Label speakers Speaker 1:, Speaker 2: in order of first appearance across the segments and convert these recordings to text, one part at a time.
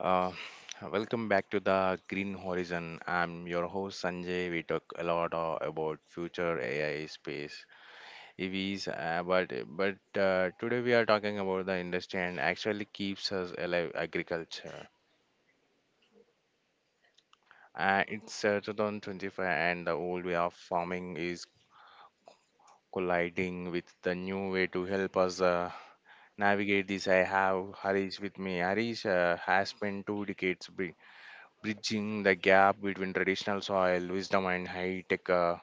Speaker 1: Uh, Welcome back to the Green Horizon. I'm your host Sanjay. We talk a lot about future AI, space, EVs, but today we are talking about the industry and actually keeps us alive, agriculture. It's 2025, and the old way of farming is colliding with the new way to help us navigate this. I have Harish with me. Harish has spent two decades. Bridging the gap between traditional soil wisdom and high tech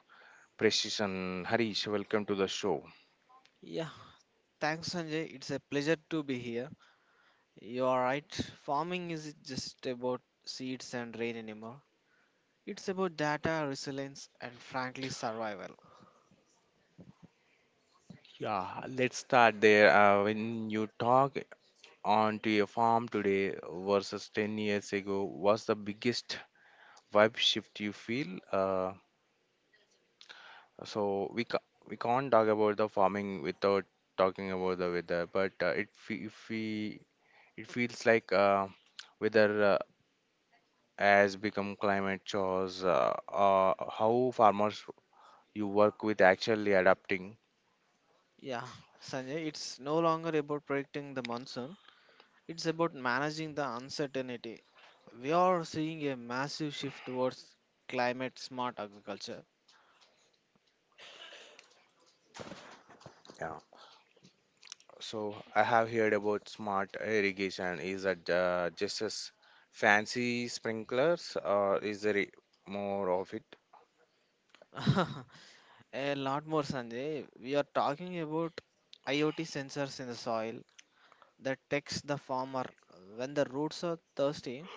Speaker 1: precision. Harish, welcome to the show.
Speaker 2: Yeah, thanks, Sanjay. It's a pleasure to be here. You are right. Farming isn't just about seeds and rain anymore. It's about data, resilience, and frankly, survival.
Speaker 1: Yeah, let's start there. When you talk onto your farm today versus 10 years ago, what's the biggest vibe shift you feel? So we ca- we can't talk about the farming without talking about the weather, but if we it feels like weather has become climate chores. How farmers you work with actually adapting.
Speaker 2: Yeah, Sanjay, it's no longer about predicting the monsoon, it's about managing the uncertainty. We are seeing a massive shift towards climate smart agriculture.
Speaker 1: Yeah. So I have heard about smart irrigation. Is that just as fancy sprinklers or is there more of it?
Speaker 2: A lot more, Sanjay. We are talking about IoT sensors in the soil, that takes the farmer when the roots are thirsty.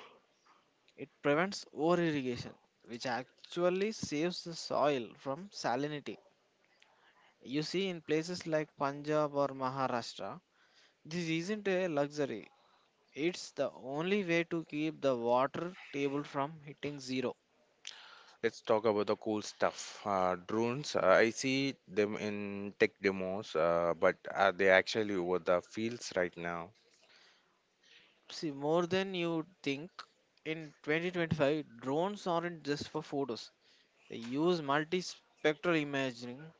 Speaker 2: It prevents over irrigation, which actually saves the soil from salinity. You see, in places like Punjab or Maharashtra, this isn't a luxury. It's the only way to keep the water table from hitting zero.
Speaker 1: Let's talk about the cool stuff. Drones, I see them in tech demos, but are they actually over the fields right now?
Speaker 2: See, more than you think, in 2025, drones aren't just for photos. They use multispectral imaging.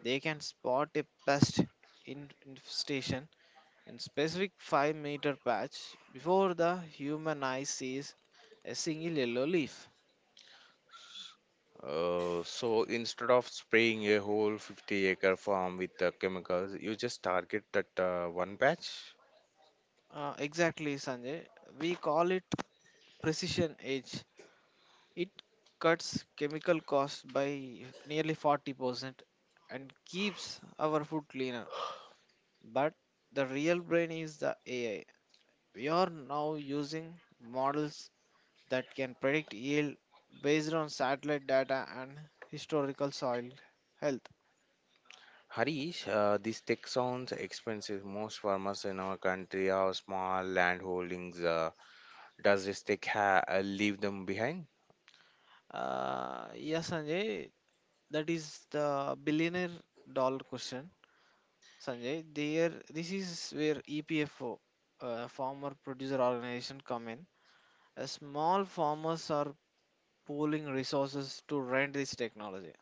Speaker 2: They can spot a pest infestation in specific 5-meter patch before the human eye sees a single yellow leaf.
Speaker 1: So instead of spraying a whole 50-acre farm with chemicals, you just target that one patch?
Speaker 2: Exactly, Sanjay. We call it precision edge. It cuts chemical costs by nearly 40% and keeps our food cleaner. But the real brain is the AI. We are now using models that can predict yield based on satellite data and historical soil health.
Speaker 1: Harish, this tech sounds expensive. Most farmers in our country have small land holdings. Does this tech leave them behind?
Speaker 2: Yeah, Sanjay, that is the billionaire dollar question. Sanjay, there this is where EPFO, farmer producer organization, come in. Small farmers are pooling resources to rent this technology.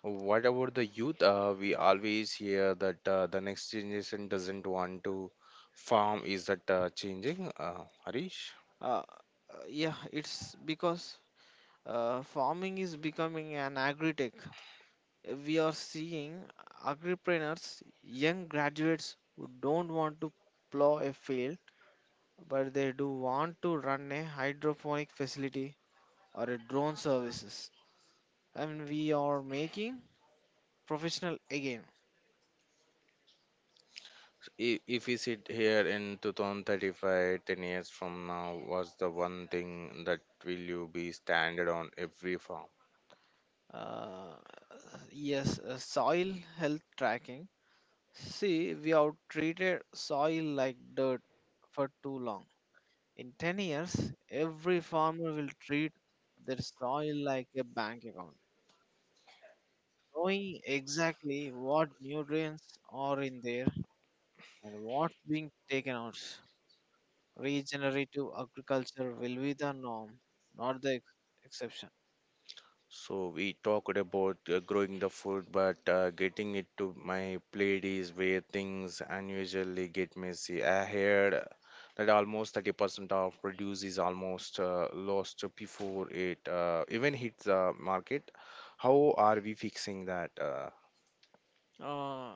Speaker 1: What about the youth? We always hear that the next generation doesn't want to farm. Is that changing, Harish?
Speaker 2: Uh, uh, yeah, it's because farming is becoming an agri-tech. We are seeing agripreneurs, young graduates who don't want to plow a field but they do want to run a hydroponic facility or a drone services and we are making professional again
Speaker 1: If we sit here in 2035, 10 years from now, what's the one thing that will you be standard on every farm?
Speaker 2: uh, yes soil health tracking. See, we have treated soil like dirt for too long. In 10 years every farmer will treat their soil like a bank account, knowing exactly what nutrients are in there and what's being taken out. Regenerative agriculture will be the norm, not the exception.
Speaker 1: So we talked about growing the food, but getting it to my plate is where things unusually get messy. I heard that almost 30% of produce is almost lost before it even hits the market. How are we fixing that?
Speaker 2: Uh,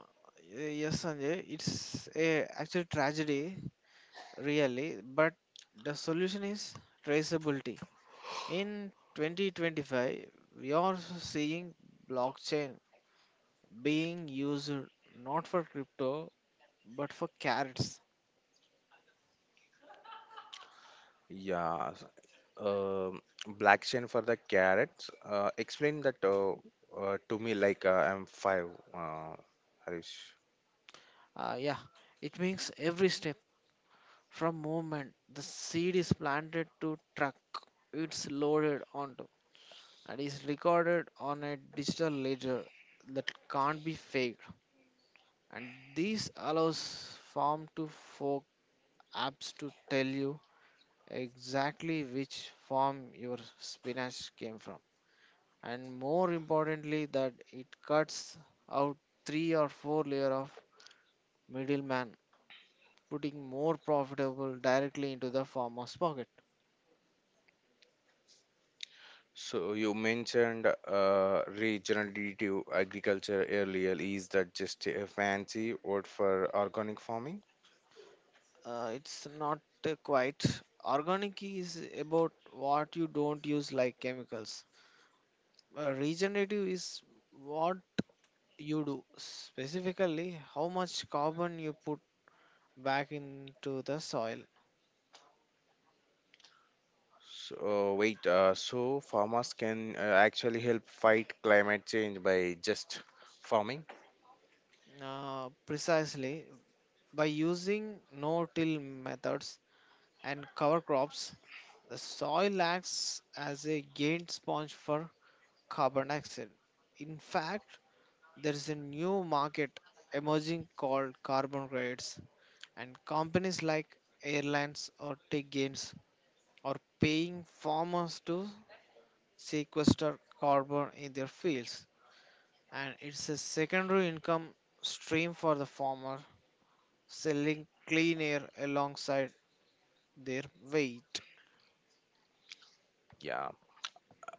Speaker 2: yes, Sanjay, it's a actual tragedy, really, but the solution is traceability. In 2025, we are seeing blockchain being used not for crypto but for carrots.
Speaker 1: yeah, s- um Black chain for the carrots. Explain that to me like I'm five, uh, Harish.
Speaker 2: Yeah, it means every step from movement the seed is planted to truck it's loaded onto and is recorded on a digital ledger that can't be faked. And this allows farm to fork apps to tell you exactly which farm your spinach came from. And more importantly, that it cuts out three or four layer of middleman, putting more profitable directly into the farmer's pocket.
Speaker 1: So you mentioned regional agriculture earlier. Is that just a fancy word for organic farming?
Speaker 2: It's not quite. Organic is about what you don't use, like chemicals. Regenerative is what you do, specifically how much carbon you put back into the soil.
Speaker 1: So wait, so farmers can actually help fight climate change by just farming?
Speaker 2: Precisely, by using no till methods and cover crops, the soil acts as a gain sponge for carbon dioxide. In fact, there is a new market emerging called carbon credits, and companies like airlines or tech gains are paying farmers to sequester carbon in their fields, and it's a secondary income stream for the farmer selling clean air alongside their wheat.
Speaker 1: Yeah,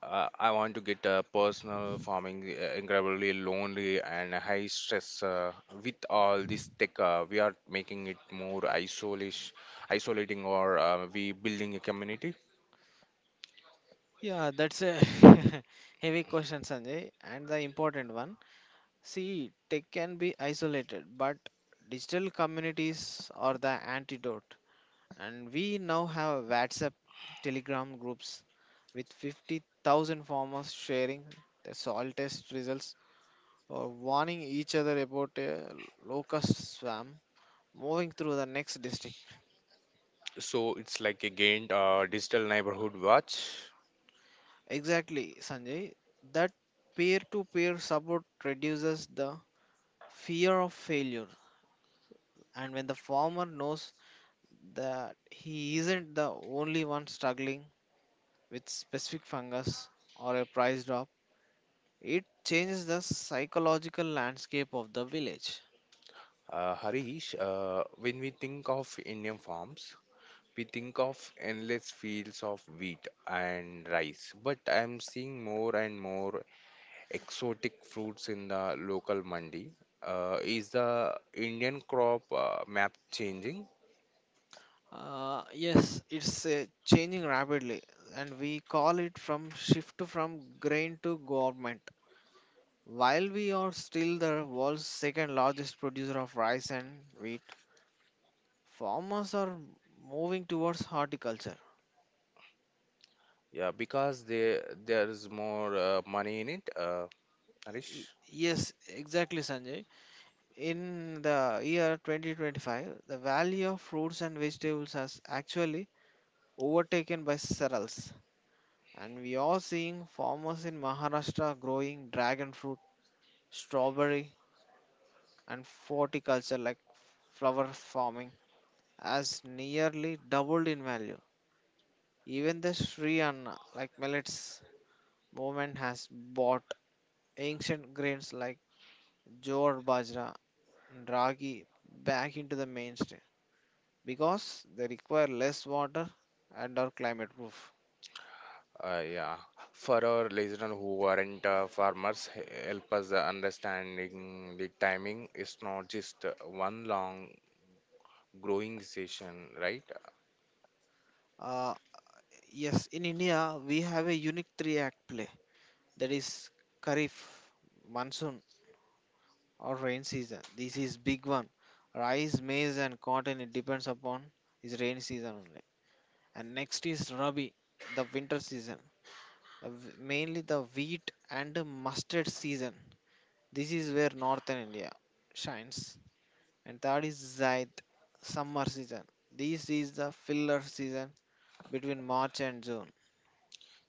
Speaker 1: I want to get a personal farming, incredibly lonely and high stress. With all this tech, we are making it more isolating, or we building a community.
Speaker 2: Yeah, that's a heavy question, Sanjay, and the important one. See, tech can be isolated, but digital communities are the antidote. And we now have WhatsApp Telegram groups with 50,000 farmers sharing the soil test results or warning each other about a locust swarm moving through the next district.
Speaker 1: So it's like again digital neighborhood watch.
Speaker 2: Exactly, Sanjay. That peer to peer support reduces the fear of failure, and when the farmer knows that he isn't the only one struggling with specific fungus or a price drop, it changes the psychological landscape of the village.
Speaker 1: Harish, when we think of Indian farms, we think of endless fields of wheat and rice. But I'm seeing more and more exotic fruits in the local mandi. Is the Indian crop map changing?
Speaker 2: Yes, it's changing rapidly, and we call it from shift from grain to government. While we are still the world's second largest producer of rice and wheat, farmers are moving towards horticulture.
Speaker 1: Yeah, because there's more money in it. Harish.
Speaker 2: Yes, exactly, Sanjay. In the year 2025, the value of fruits and vegetables has actually overtaken by cereals, and we are seeing farmers in Maharashtra growing dragon fruit, strawberry, and horticulture like flower farming has nearly doubled in value. Even the Sri Anna like millets movement has bought ancient grains like jowar, bajra, and ragi back into the mainstream because they require less water and are climate proof.
Speaker 1: Uh, yeah, for our listeners who aren't farmers, help us understanding the timing is not just one long growing session, right?
Speaker 2: Uh, yes, in India we have a unique three act play, that is Kharif, monsoon or rain season. This is big one. Rice, maize, and cotton it depends upon is rain season only. And next is Rabi, the winter season, the mainly the wheat and the mustard season. This is where northern India shines. And third is Zaid, summer season. This is the filler season between March and June.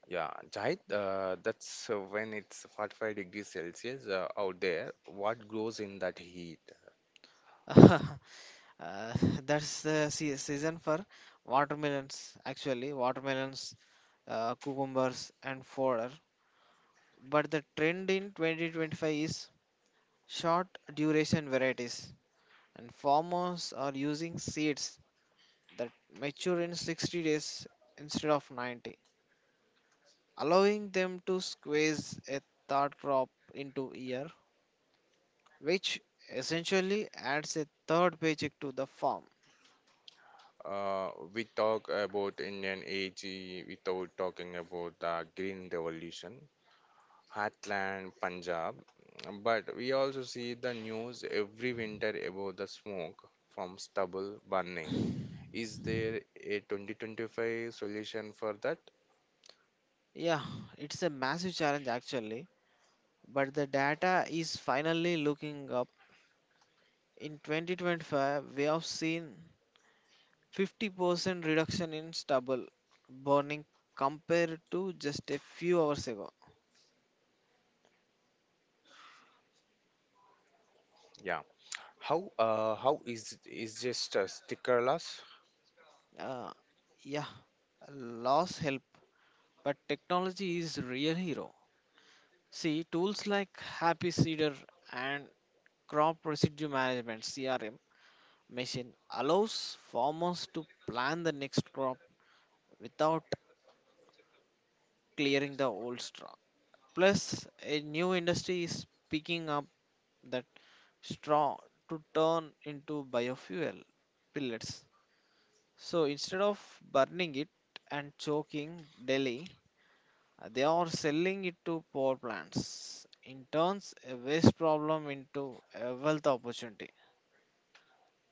Speaker 1: Yeah, Jahid, that's when it's 45 degrees Celsius out there. What grows in that heat?
Speaker 2: Uh, that's the season for watermelons, actually watermelons, cucumbers and fodder. But the trend in 2025 is short duration varieties, and farmers are using seeds that mature in 60 days instead of 90, allowing them to squeeze a third crop into a year, which essentially adds a third paycheck to the farm.
Speaker 1: We talk about Indian age without talking about the Green Revolution. Heartland Punjab, but we also see the news every winter about the smoke from stubble burning. Is there a 2025 solution for that?
Speaker 2: Yeah, it's a massive challenge actually, but the data is finally looking up. In 2025, we have seen 50% reduction in stubble burning compared to just a few hours ago.
Speaker 1: Yeah. How is just a stickerless?
Speaker 2: Uh, yeah, loss help, but technology is real hero. See, tools like Happy Seeder and Crop Residue Management (CRM) machine allows farmers to plan the next crop without clearing the old straw. Plus, a new industry is picking up that straw to turn into biofuel pellets. So instead of burning it and choking Delhi, they are selling it to power plants. In turns a waste problem into a wealth opportunity.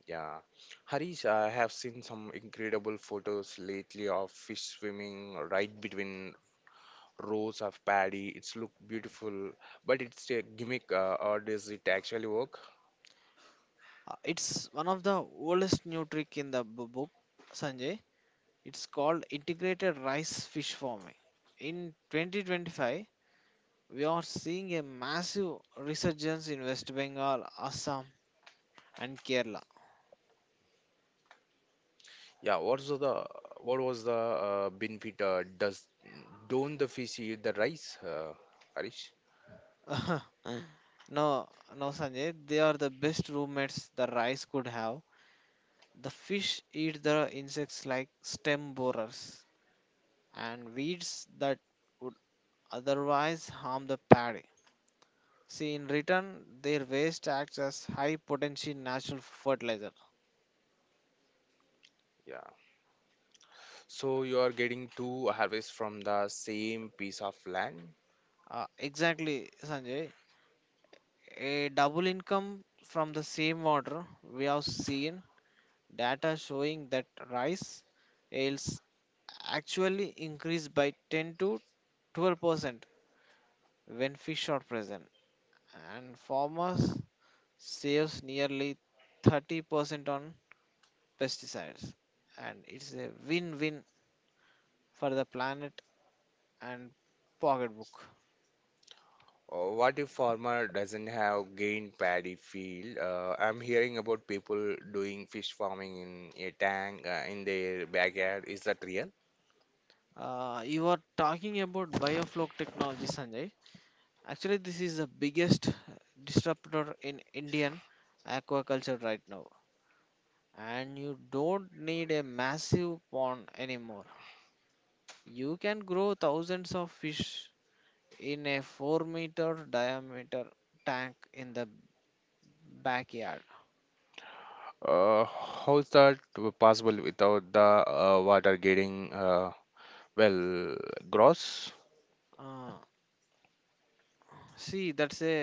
Speaker 1: Yeah. Harish, I have seen some incredible photos lately of fish swimming right between rows of paddy. It's look beautiful, but it's a gimmick, or does it actually work?
Speaker 2: It's one of the oldest new trick in the book, Sanjay. It's called integrated rice fish farming. In 2025, we are seeing a massive resurgence in West Bengal, Assam, and Kerala.
Speaker 1: Yeah, what's the what was the benefit? Does don't the fish eat the rice, Harish?
Speaker 2: No, no, Sanjay. They are the best roommates the rice could have. The fish eat the insects like stem borers and weeds that would otherwise harm the paddy. See, in return, their waste acts as high potency natural fertilizer.
Speaker 1: Yeah. So you are getting two harvests from the same piece of land.
Speaker 2: Exactly, Sanjay. A double income from the same water. We have seen data showing that rice yields actually increase by 10 to 12% when fish are present, and farmers saves nearly 30% on pesticides, and it's a win-win for the planet and pocketbook.
Speaker 1: What if farmer doesn't have gained paddy field? I'm hearing about people doing fish farming in a tank in their backyard. Is that real?
Speaker 2: You are talking about bioflow technology, Sanjay. Actually, this is the biggest disruptor in Indian aquaculture right now. And you don't need a massive pond anymore. You can grow thousands of fish in a 4-meter diameter tank in the backyard.
Speaker 1: How is that possible without the water getting well gross?
Speaker 2: Ah, see, that's a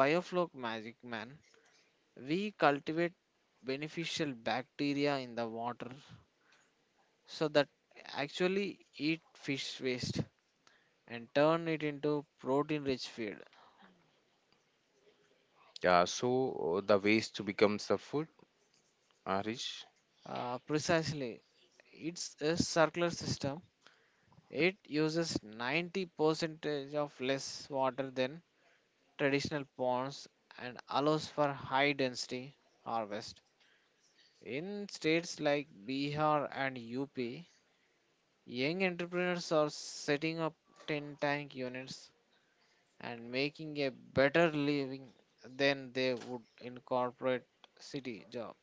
Speaker 2: bioflow magic, man. We cultivate beneficial bacteria in the water so that actually eat fish waste and turn it into protein rich feed.
Speaker 1: Yeah, so the waste becomes the food, Harish.
Speaker 2: Precisely, it's a circular system. It uses 90% of less water than traditional ponds and allows for high density harvest. In states like Bihar and UP, young entrepreneurs are setting up tin tank units and making a better living than they would in corporate city job.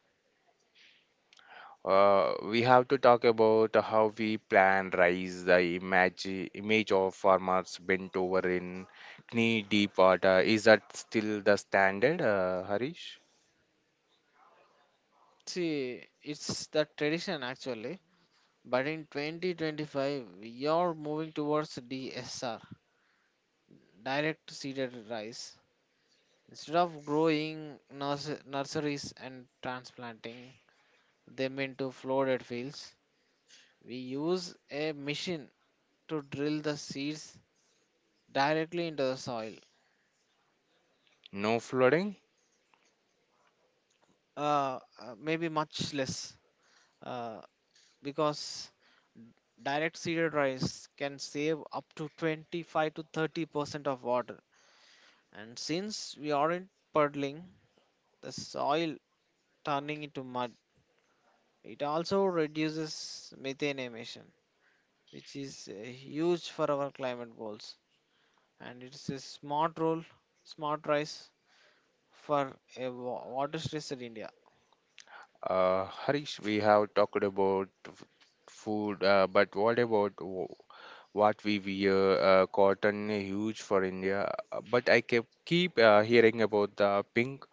Speaker 1: We have to talk about how we plan rice, the image of farmers bent over in knee deep water. Is that still the standard, Harish?
Speaker 2: See, it's the tradition actually, but in 2025 we are moving towards DSR direct seeded rice. Instead of growing nurseries and transplanting them into flooded fields, we use a machine to drill the seeds directly into the soil.
Speaker 1: No flooding?
Speaker 2: Maybe much less, uh, because direct seeded rice can save up to 25 to 30% of water. And since we aren't puddling the soil, turning into mud, it also reduces methane emission, which is huge for our climate goals. And it's a smart role, smart rise for a water-stressed India.
Speaker 1: Harish, we have talked about food, but what about what we wear? Cotton is huge for India, but I kept keep hearing about the pink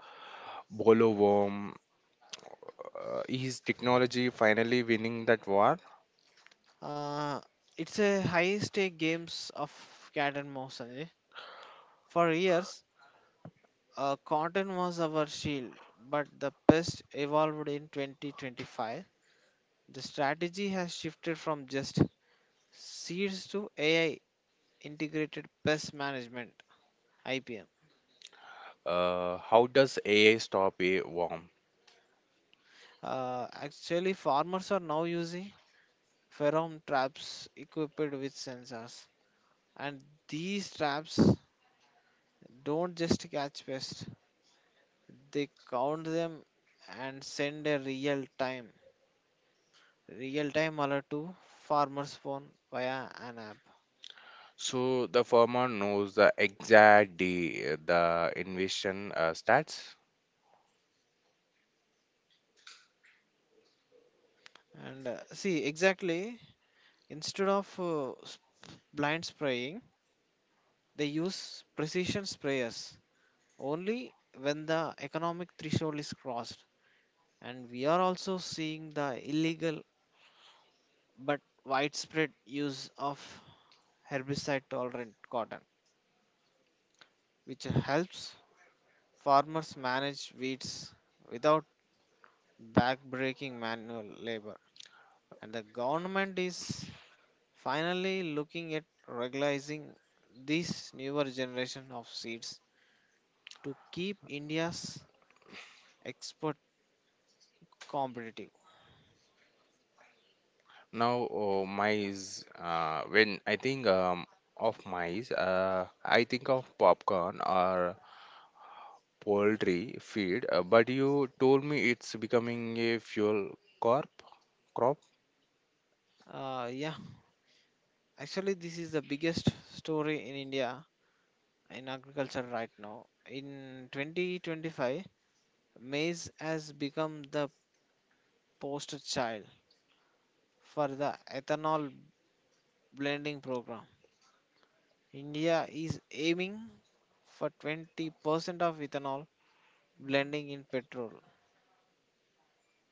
Speaker 1: bollworm. Is technology finally winning that war?
Speaker 2: Uh, it's a high-stake games of cat and mouse, Sanjay. For years, cotton was our shield, but the pest evolved in 2025. The strategy has shifted from just seeds to AI integrated pest management (IPM).
Speaker 1: How does AI stop a war?
Speaker 2: Actually, farmers are now using pheromone traps equipped with sensors, and these traps don't just catch pests; they count them and send a real-time alert to farmers' phone via an app.
Speaker 1: So the farmer knows the exact day the invasion starts.
Speaker 2: And see, exactly, instead of blind spraying, they use precision sprayers only when the economic threshold is crossed, and we are also seeing the illegal but widespread use of herbicide tolerant cotton, which helps farmers manage weeds without backbreaking manual labor. And the government is finally looking at regularizing this newer generation of seeds to keep India's export competitive.
Speaker 1: Now mice, when I think of mice, I think of popcorn or poultry feed. But you told me it's becoming a fuel corp crop.
Speaker 2: Yeah, actually, this is the biggest story in India in agriculture right now. In 2025, Maize has become the poster child for the ethanol blending program. India is aiming for 20% of ethanol blending in petrol.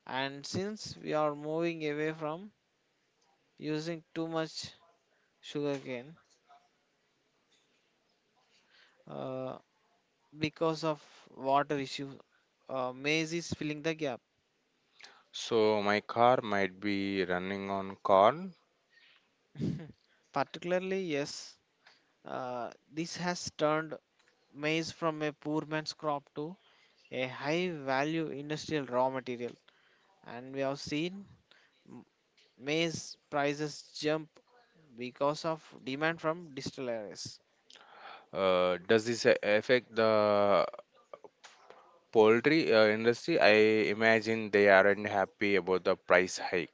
Speaker 2: And since we are moving away from using too much sugarcane uh, because of water issue, maize is filling the gap.
Speaker 1: So my car might be running on corn.
Speaker 2: Particularly, yes, uh, this has turned maize from a poor man's crop to a high value industrial raw material, and we have seen m- maize prices jump because of demand from distilleries.
Speaker 1: Does this affect the poultry industry? I imagine they aren't happy about the price hike.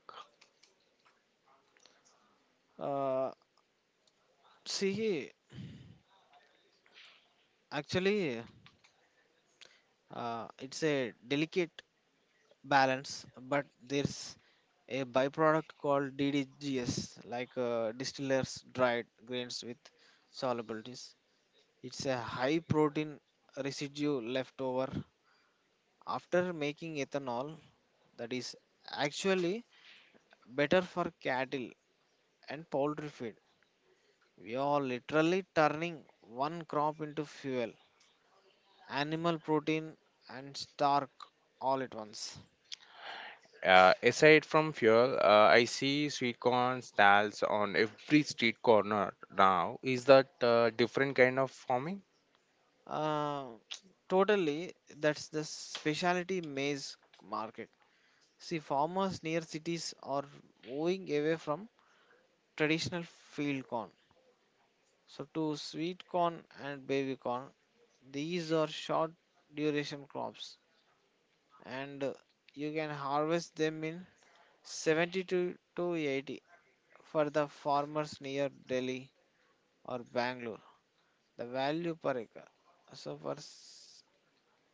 Speaker 2: uh, See, actually, it's a delicate balance, but there's a byproduct called ddgs, like distillers dried grains with solubilities. It's a high protein residue left over after making ethanol that is actually better for cattle and poultry feed. We are literally turning one crop into fuel, animal protein, and starch all at once.
Speaker 1: Aside from fuel, I see sweet corn stalls on every street corner now. Is that different kind of farming?
Speaker 2: Uh, Totally, that's the specialty maize market. See, farmers near cities are moving away from traditional field corn. So, to sweet corn and baby corn, these are short duration crops, and you can harvest them in 70 to 80 for the farmers near Delhi or Bangalore. The value per acre. So for s-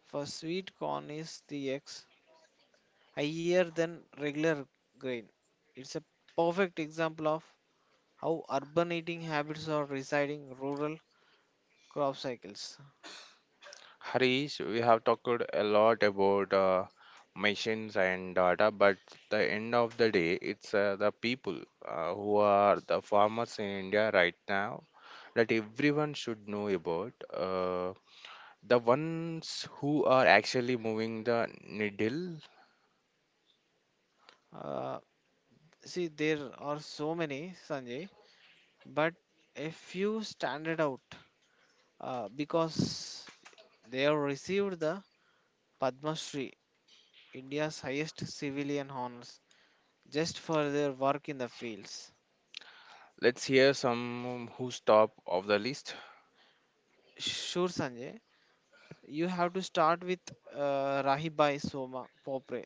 Speaker 2: for sweet corn is the X higher than regular grain. It's a perfect example of how urban eating habits are residing rural crop cycles.
Speaker 1: Harish, we have talked a lot about machines and data, but the end of the day, it's the people who are the farmers in India right now that everyone should know about. The ones who are actually moving the needle.
Speaker 2: Uh, See, there are so many, Sanjay, but a few standard out because they have received the Padma Shri, India's highest civilian honors, just for their work in the fields.
Speaker 1: Let's hear some who's top of the list.
Speaker 2: Sure, Sanjay, you have to start with Rahibai Soma Popre,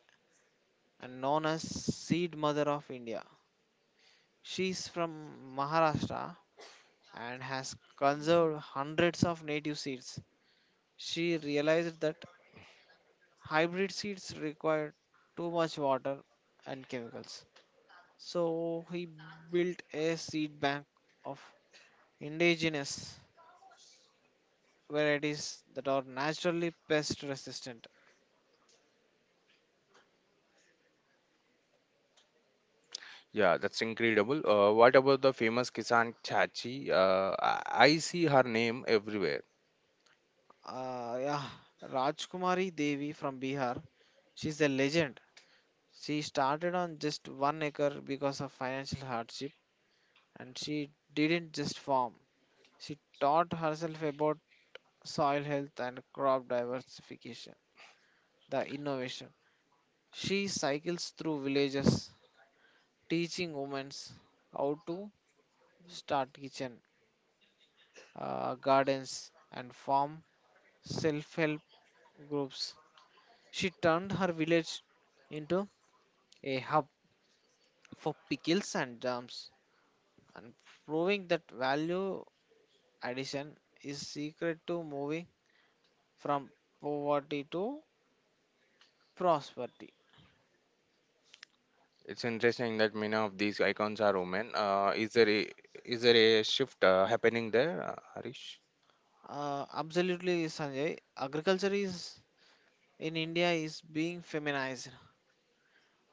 Speaker 2: and known as Seed Mother of India. She is from Maharashtra and has conserved hundreds of native seeds. She realized that hybrid seeds require too much water and chemicals. So he built a seed bank of indigenous varieties that are naturally pest resistant.
Speaker 1: Yeah, that's incredible. What about the famous Kisan Chachi? I see her name everywhere.
Speaker 2: Yeah, Rajkumari Devi from Bihar, she's a legend. She started on just one acre because of financial hardship, and she didn't just farm. She taught herself about soil health and crop diversification, the innovation. She cycles through villages, teaching women how to start kitchen, gardens, and farm self help groups. She turned her village into a hub for pickles and jams, and proving that value addition is secret to moving from poverty to prosperity.
Speaker 1: It's interesting that many of these icons are women. Is there a is there a shift happening there, Harish?
Speaker 2: Absolutely, Sanjay. Agriculture is in India is being feminized.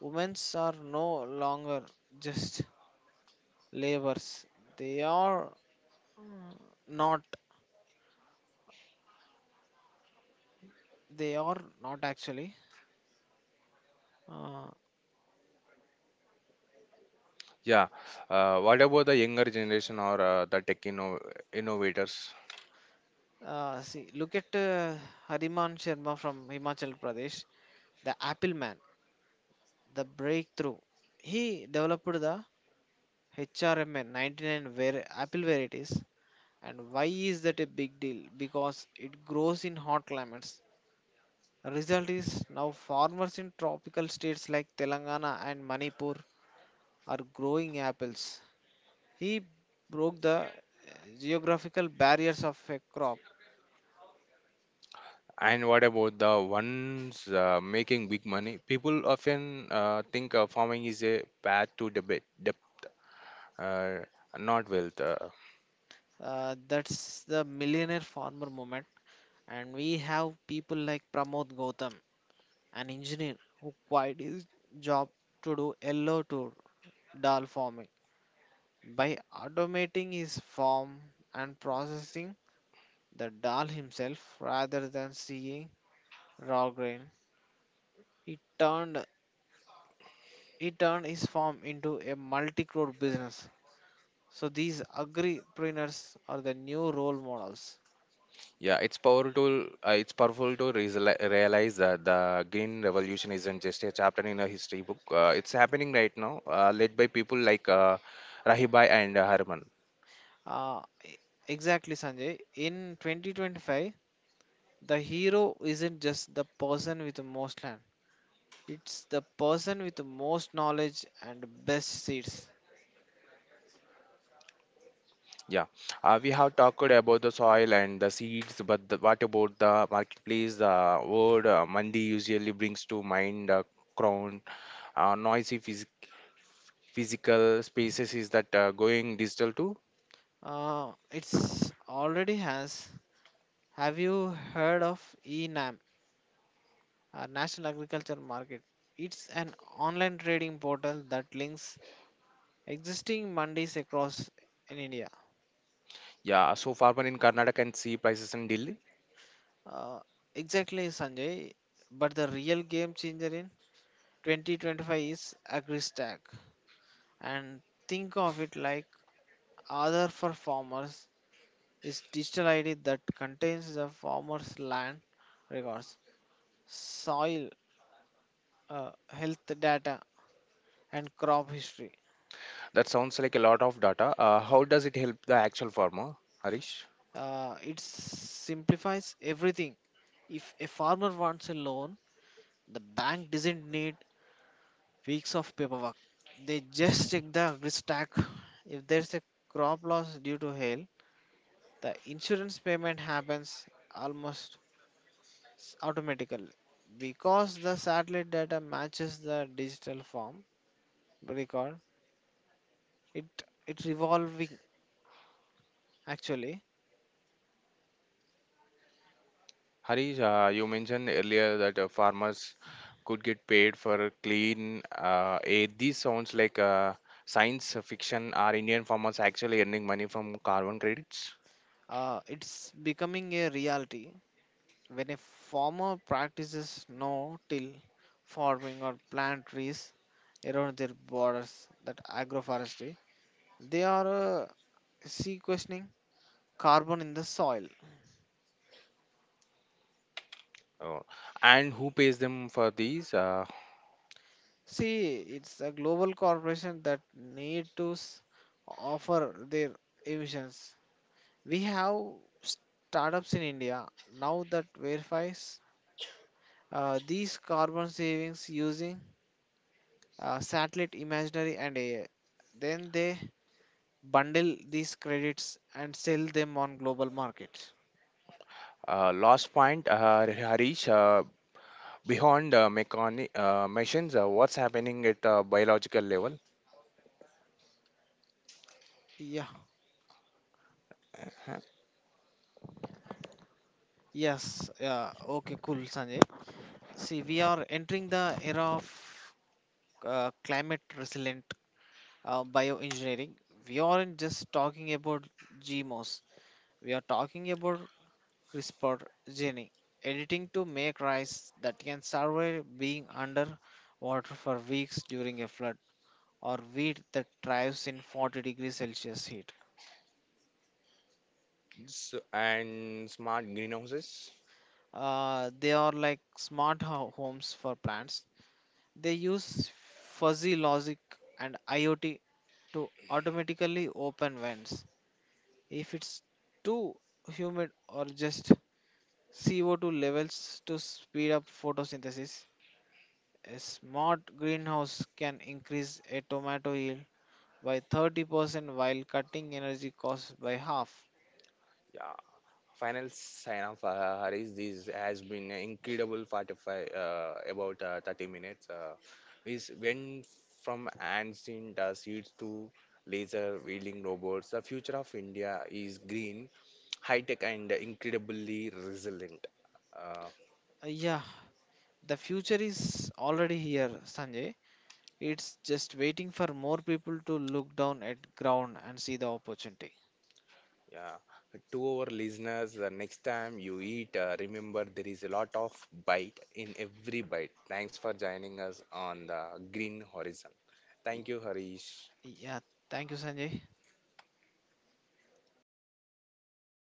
Speaker 2: Women are no longer just laborers. They are not. They are not actually. Uh,
Speaker 1: Yeah. What about the younger generation or the tech innovators?
Speaker 2: See, look at Hariman Sharma from Himachal Pradesh, the Apple Man, the breakthrough. He developed the HRMN 99 var Apple varieties. And why is that a big deal? Because it grows in hot climates. Result is now farmers in tropical states like Telangana and Manipur are growing apples. He broke the geographical barriers of a crop.
Speaker 1: And what about the ones making big money? People often think farming is a path to debit, dep uh, not wealth.
Speaker 2: That's the millionaire farmer moment. And we have people like Pramod Gautam, an engineer who quit his job to do yellow to dal farming. By automating his farm and processing the dal himself rather than seeing raw grain, he turned he turned his farm into a multi-crore business. So these agripreneurs are the new role models.
Speaker 1: Yeah, it's powerful. It's powerful to realize that the green revolution isn't just a chapter in a history book. It's happening right now, led by people like Rahibai and Harman.
Speaker 2: Uh, e- exactly, Sanjay. In 2025, the hero isn't just the person with the most land, it's the person with the most knowledge and best seeds.
Speaker 1: Yeah, we have talked about the soil and the seeds, but the, what about the marketplace? The word mandi usually brings to mind crown, noisy phys physical spaces is that going digital too?
Speaker 2: It's already has. Have you heard of enam, national agriculture market? It's an online trading portal that links existing mandis across in india.
Speaker 1: Yeah, so farmer in Karnataka can see prices in Delhi.
Speaker 2: uh, exactly, sanjay, but the real game changer in 2025 is agristack, and think of it like Other for farmers. Is digital ID that contains the farmer's land records, soil health data, and crop history.
Speaker 1: That sounds like a lot of data. How does it help the actual farmer, Harish?
Speaker 2: It simplifies everything. If a farmer wants a loan, the bank doesn't need weeks of paperwork. They just check the agri stack. If there's a crop loss due to hail, the insurance payment happens almost automatically because the satellite data matches the digital form record. It it's evolving, actually.
Speaker 1: Harish, you mentioned earlier that farmers could get paid for clean air. This sounds like science fiction. Are Indian farmers actually earning money from carbon credits?
Speaker 2: It's becoming a reality. When a farmer practices no till farming or plant trees around their borders, that agroforestry, they are sequestering carbon in the soil.
Speaker 1: Oh. And who pays them for these?
Speaker 2: See, it's a global corporation that need to s- offer their emissions. We have startups in India now that verifies these carbon savings using satellite imaginary and AI. Then they bundle these credits and sell them on global market.
Speaker 1: Last point, Harish, beyond machines, what's happening at biological level.
Speaker 2: Yeah. Yes. Yeah. Okay. Cool, Sanjay. See, we are entering the era of climate resilient bioengineering. We aren't just talking about GMOs. We are talking about CRISPR gene editing to make rice that can survive being under water for weeks during a flood, or wheat that thrives in 40 degrees Celsius heat.
Speaker 1: S- and smart greenhouses?
Speaker 2: They are like smart homes for plants. They use fuzzy logic and IoT to automatically open vents if it's too humid or just CO2 levels to speed up photosynthesis. A smart greenhouse can increase a tomato yield by 30% while cutting energy costs by half.
Speaker 1: Yeah. Final sign off, Harish. This has been an incredible 45, about 30 minutes. Went from ancient in seeds to laser wheeling robots. The future of India is green, high tech, and incredibly resilient. Uh,
Speaker 2: Yeah, the future is already here, Sanjay. It's just waiting for more people to look down at ground and see the opportunity.
Speaker 1: yeah. To our listeners, the next time you eat, remember there is a lot of bite in every bite. Thanks for joining us on the Green Horizon.
Speaker 2: Y-
Speaker 1: Thank you, Harish.
Speaker 2: Yeah, thank you, Sanjay.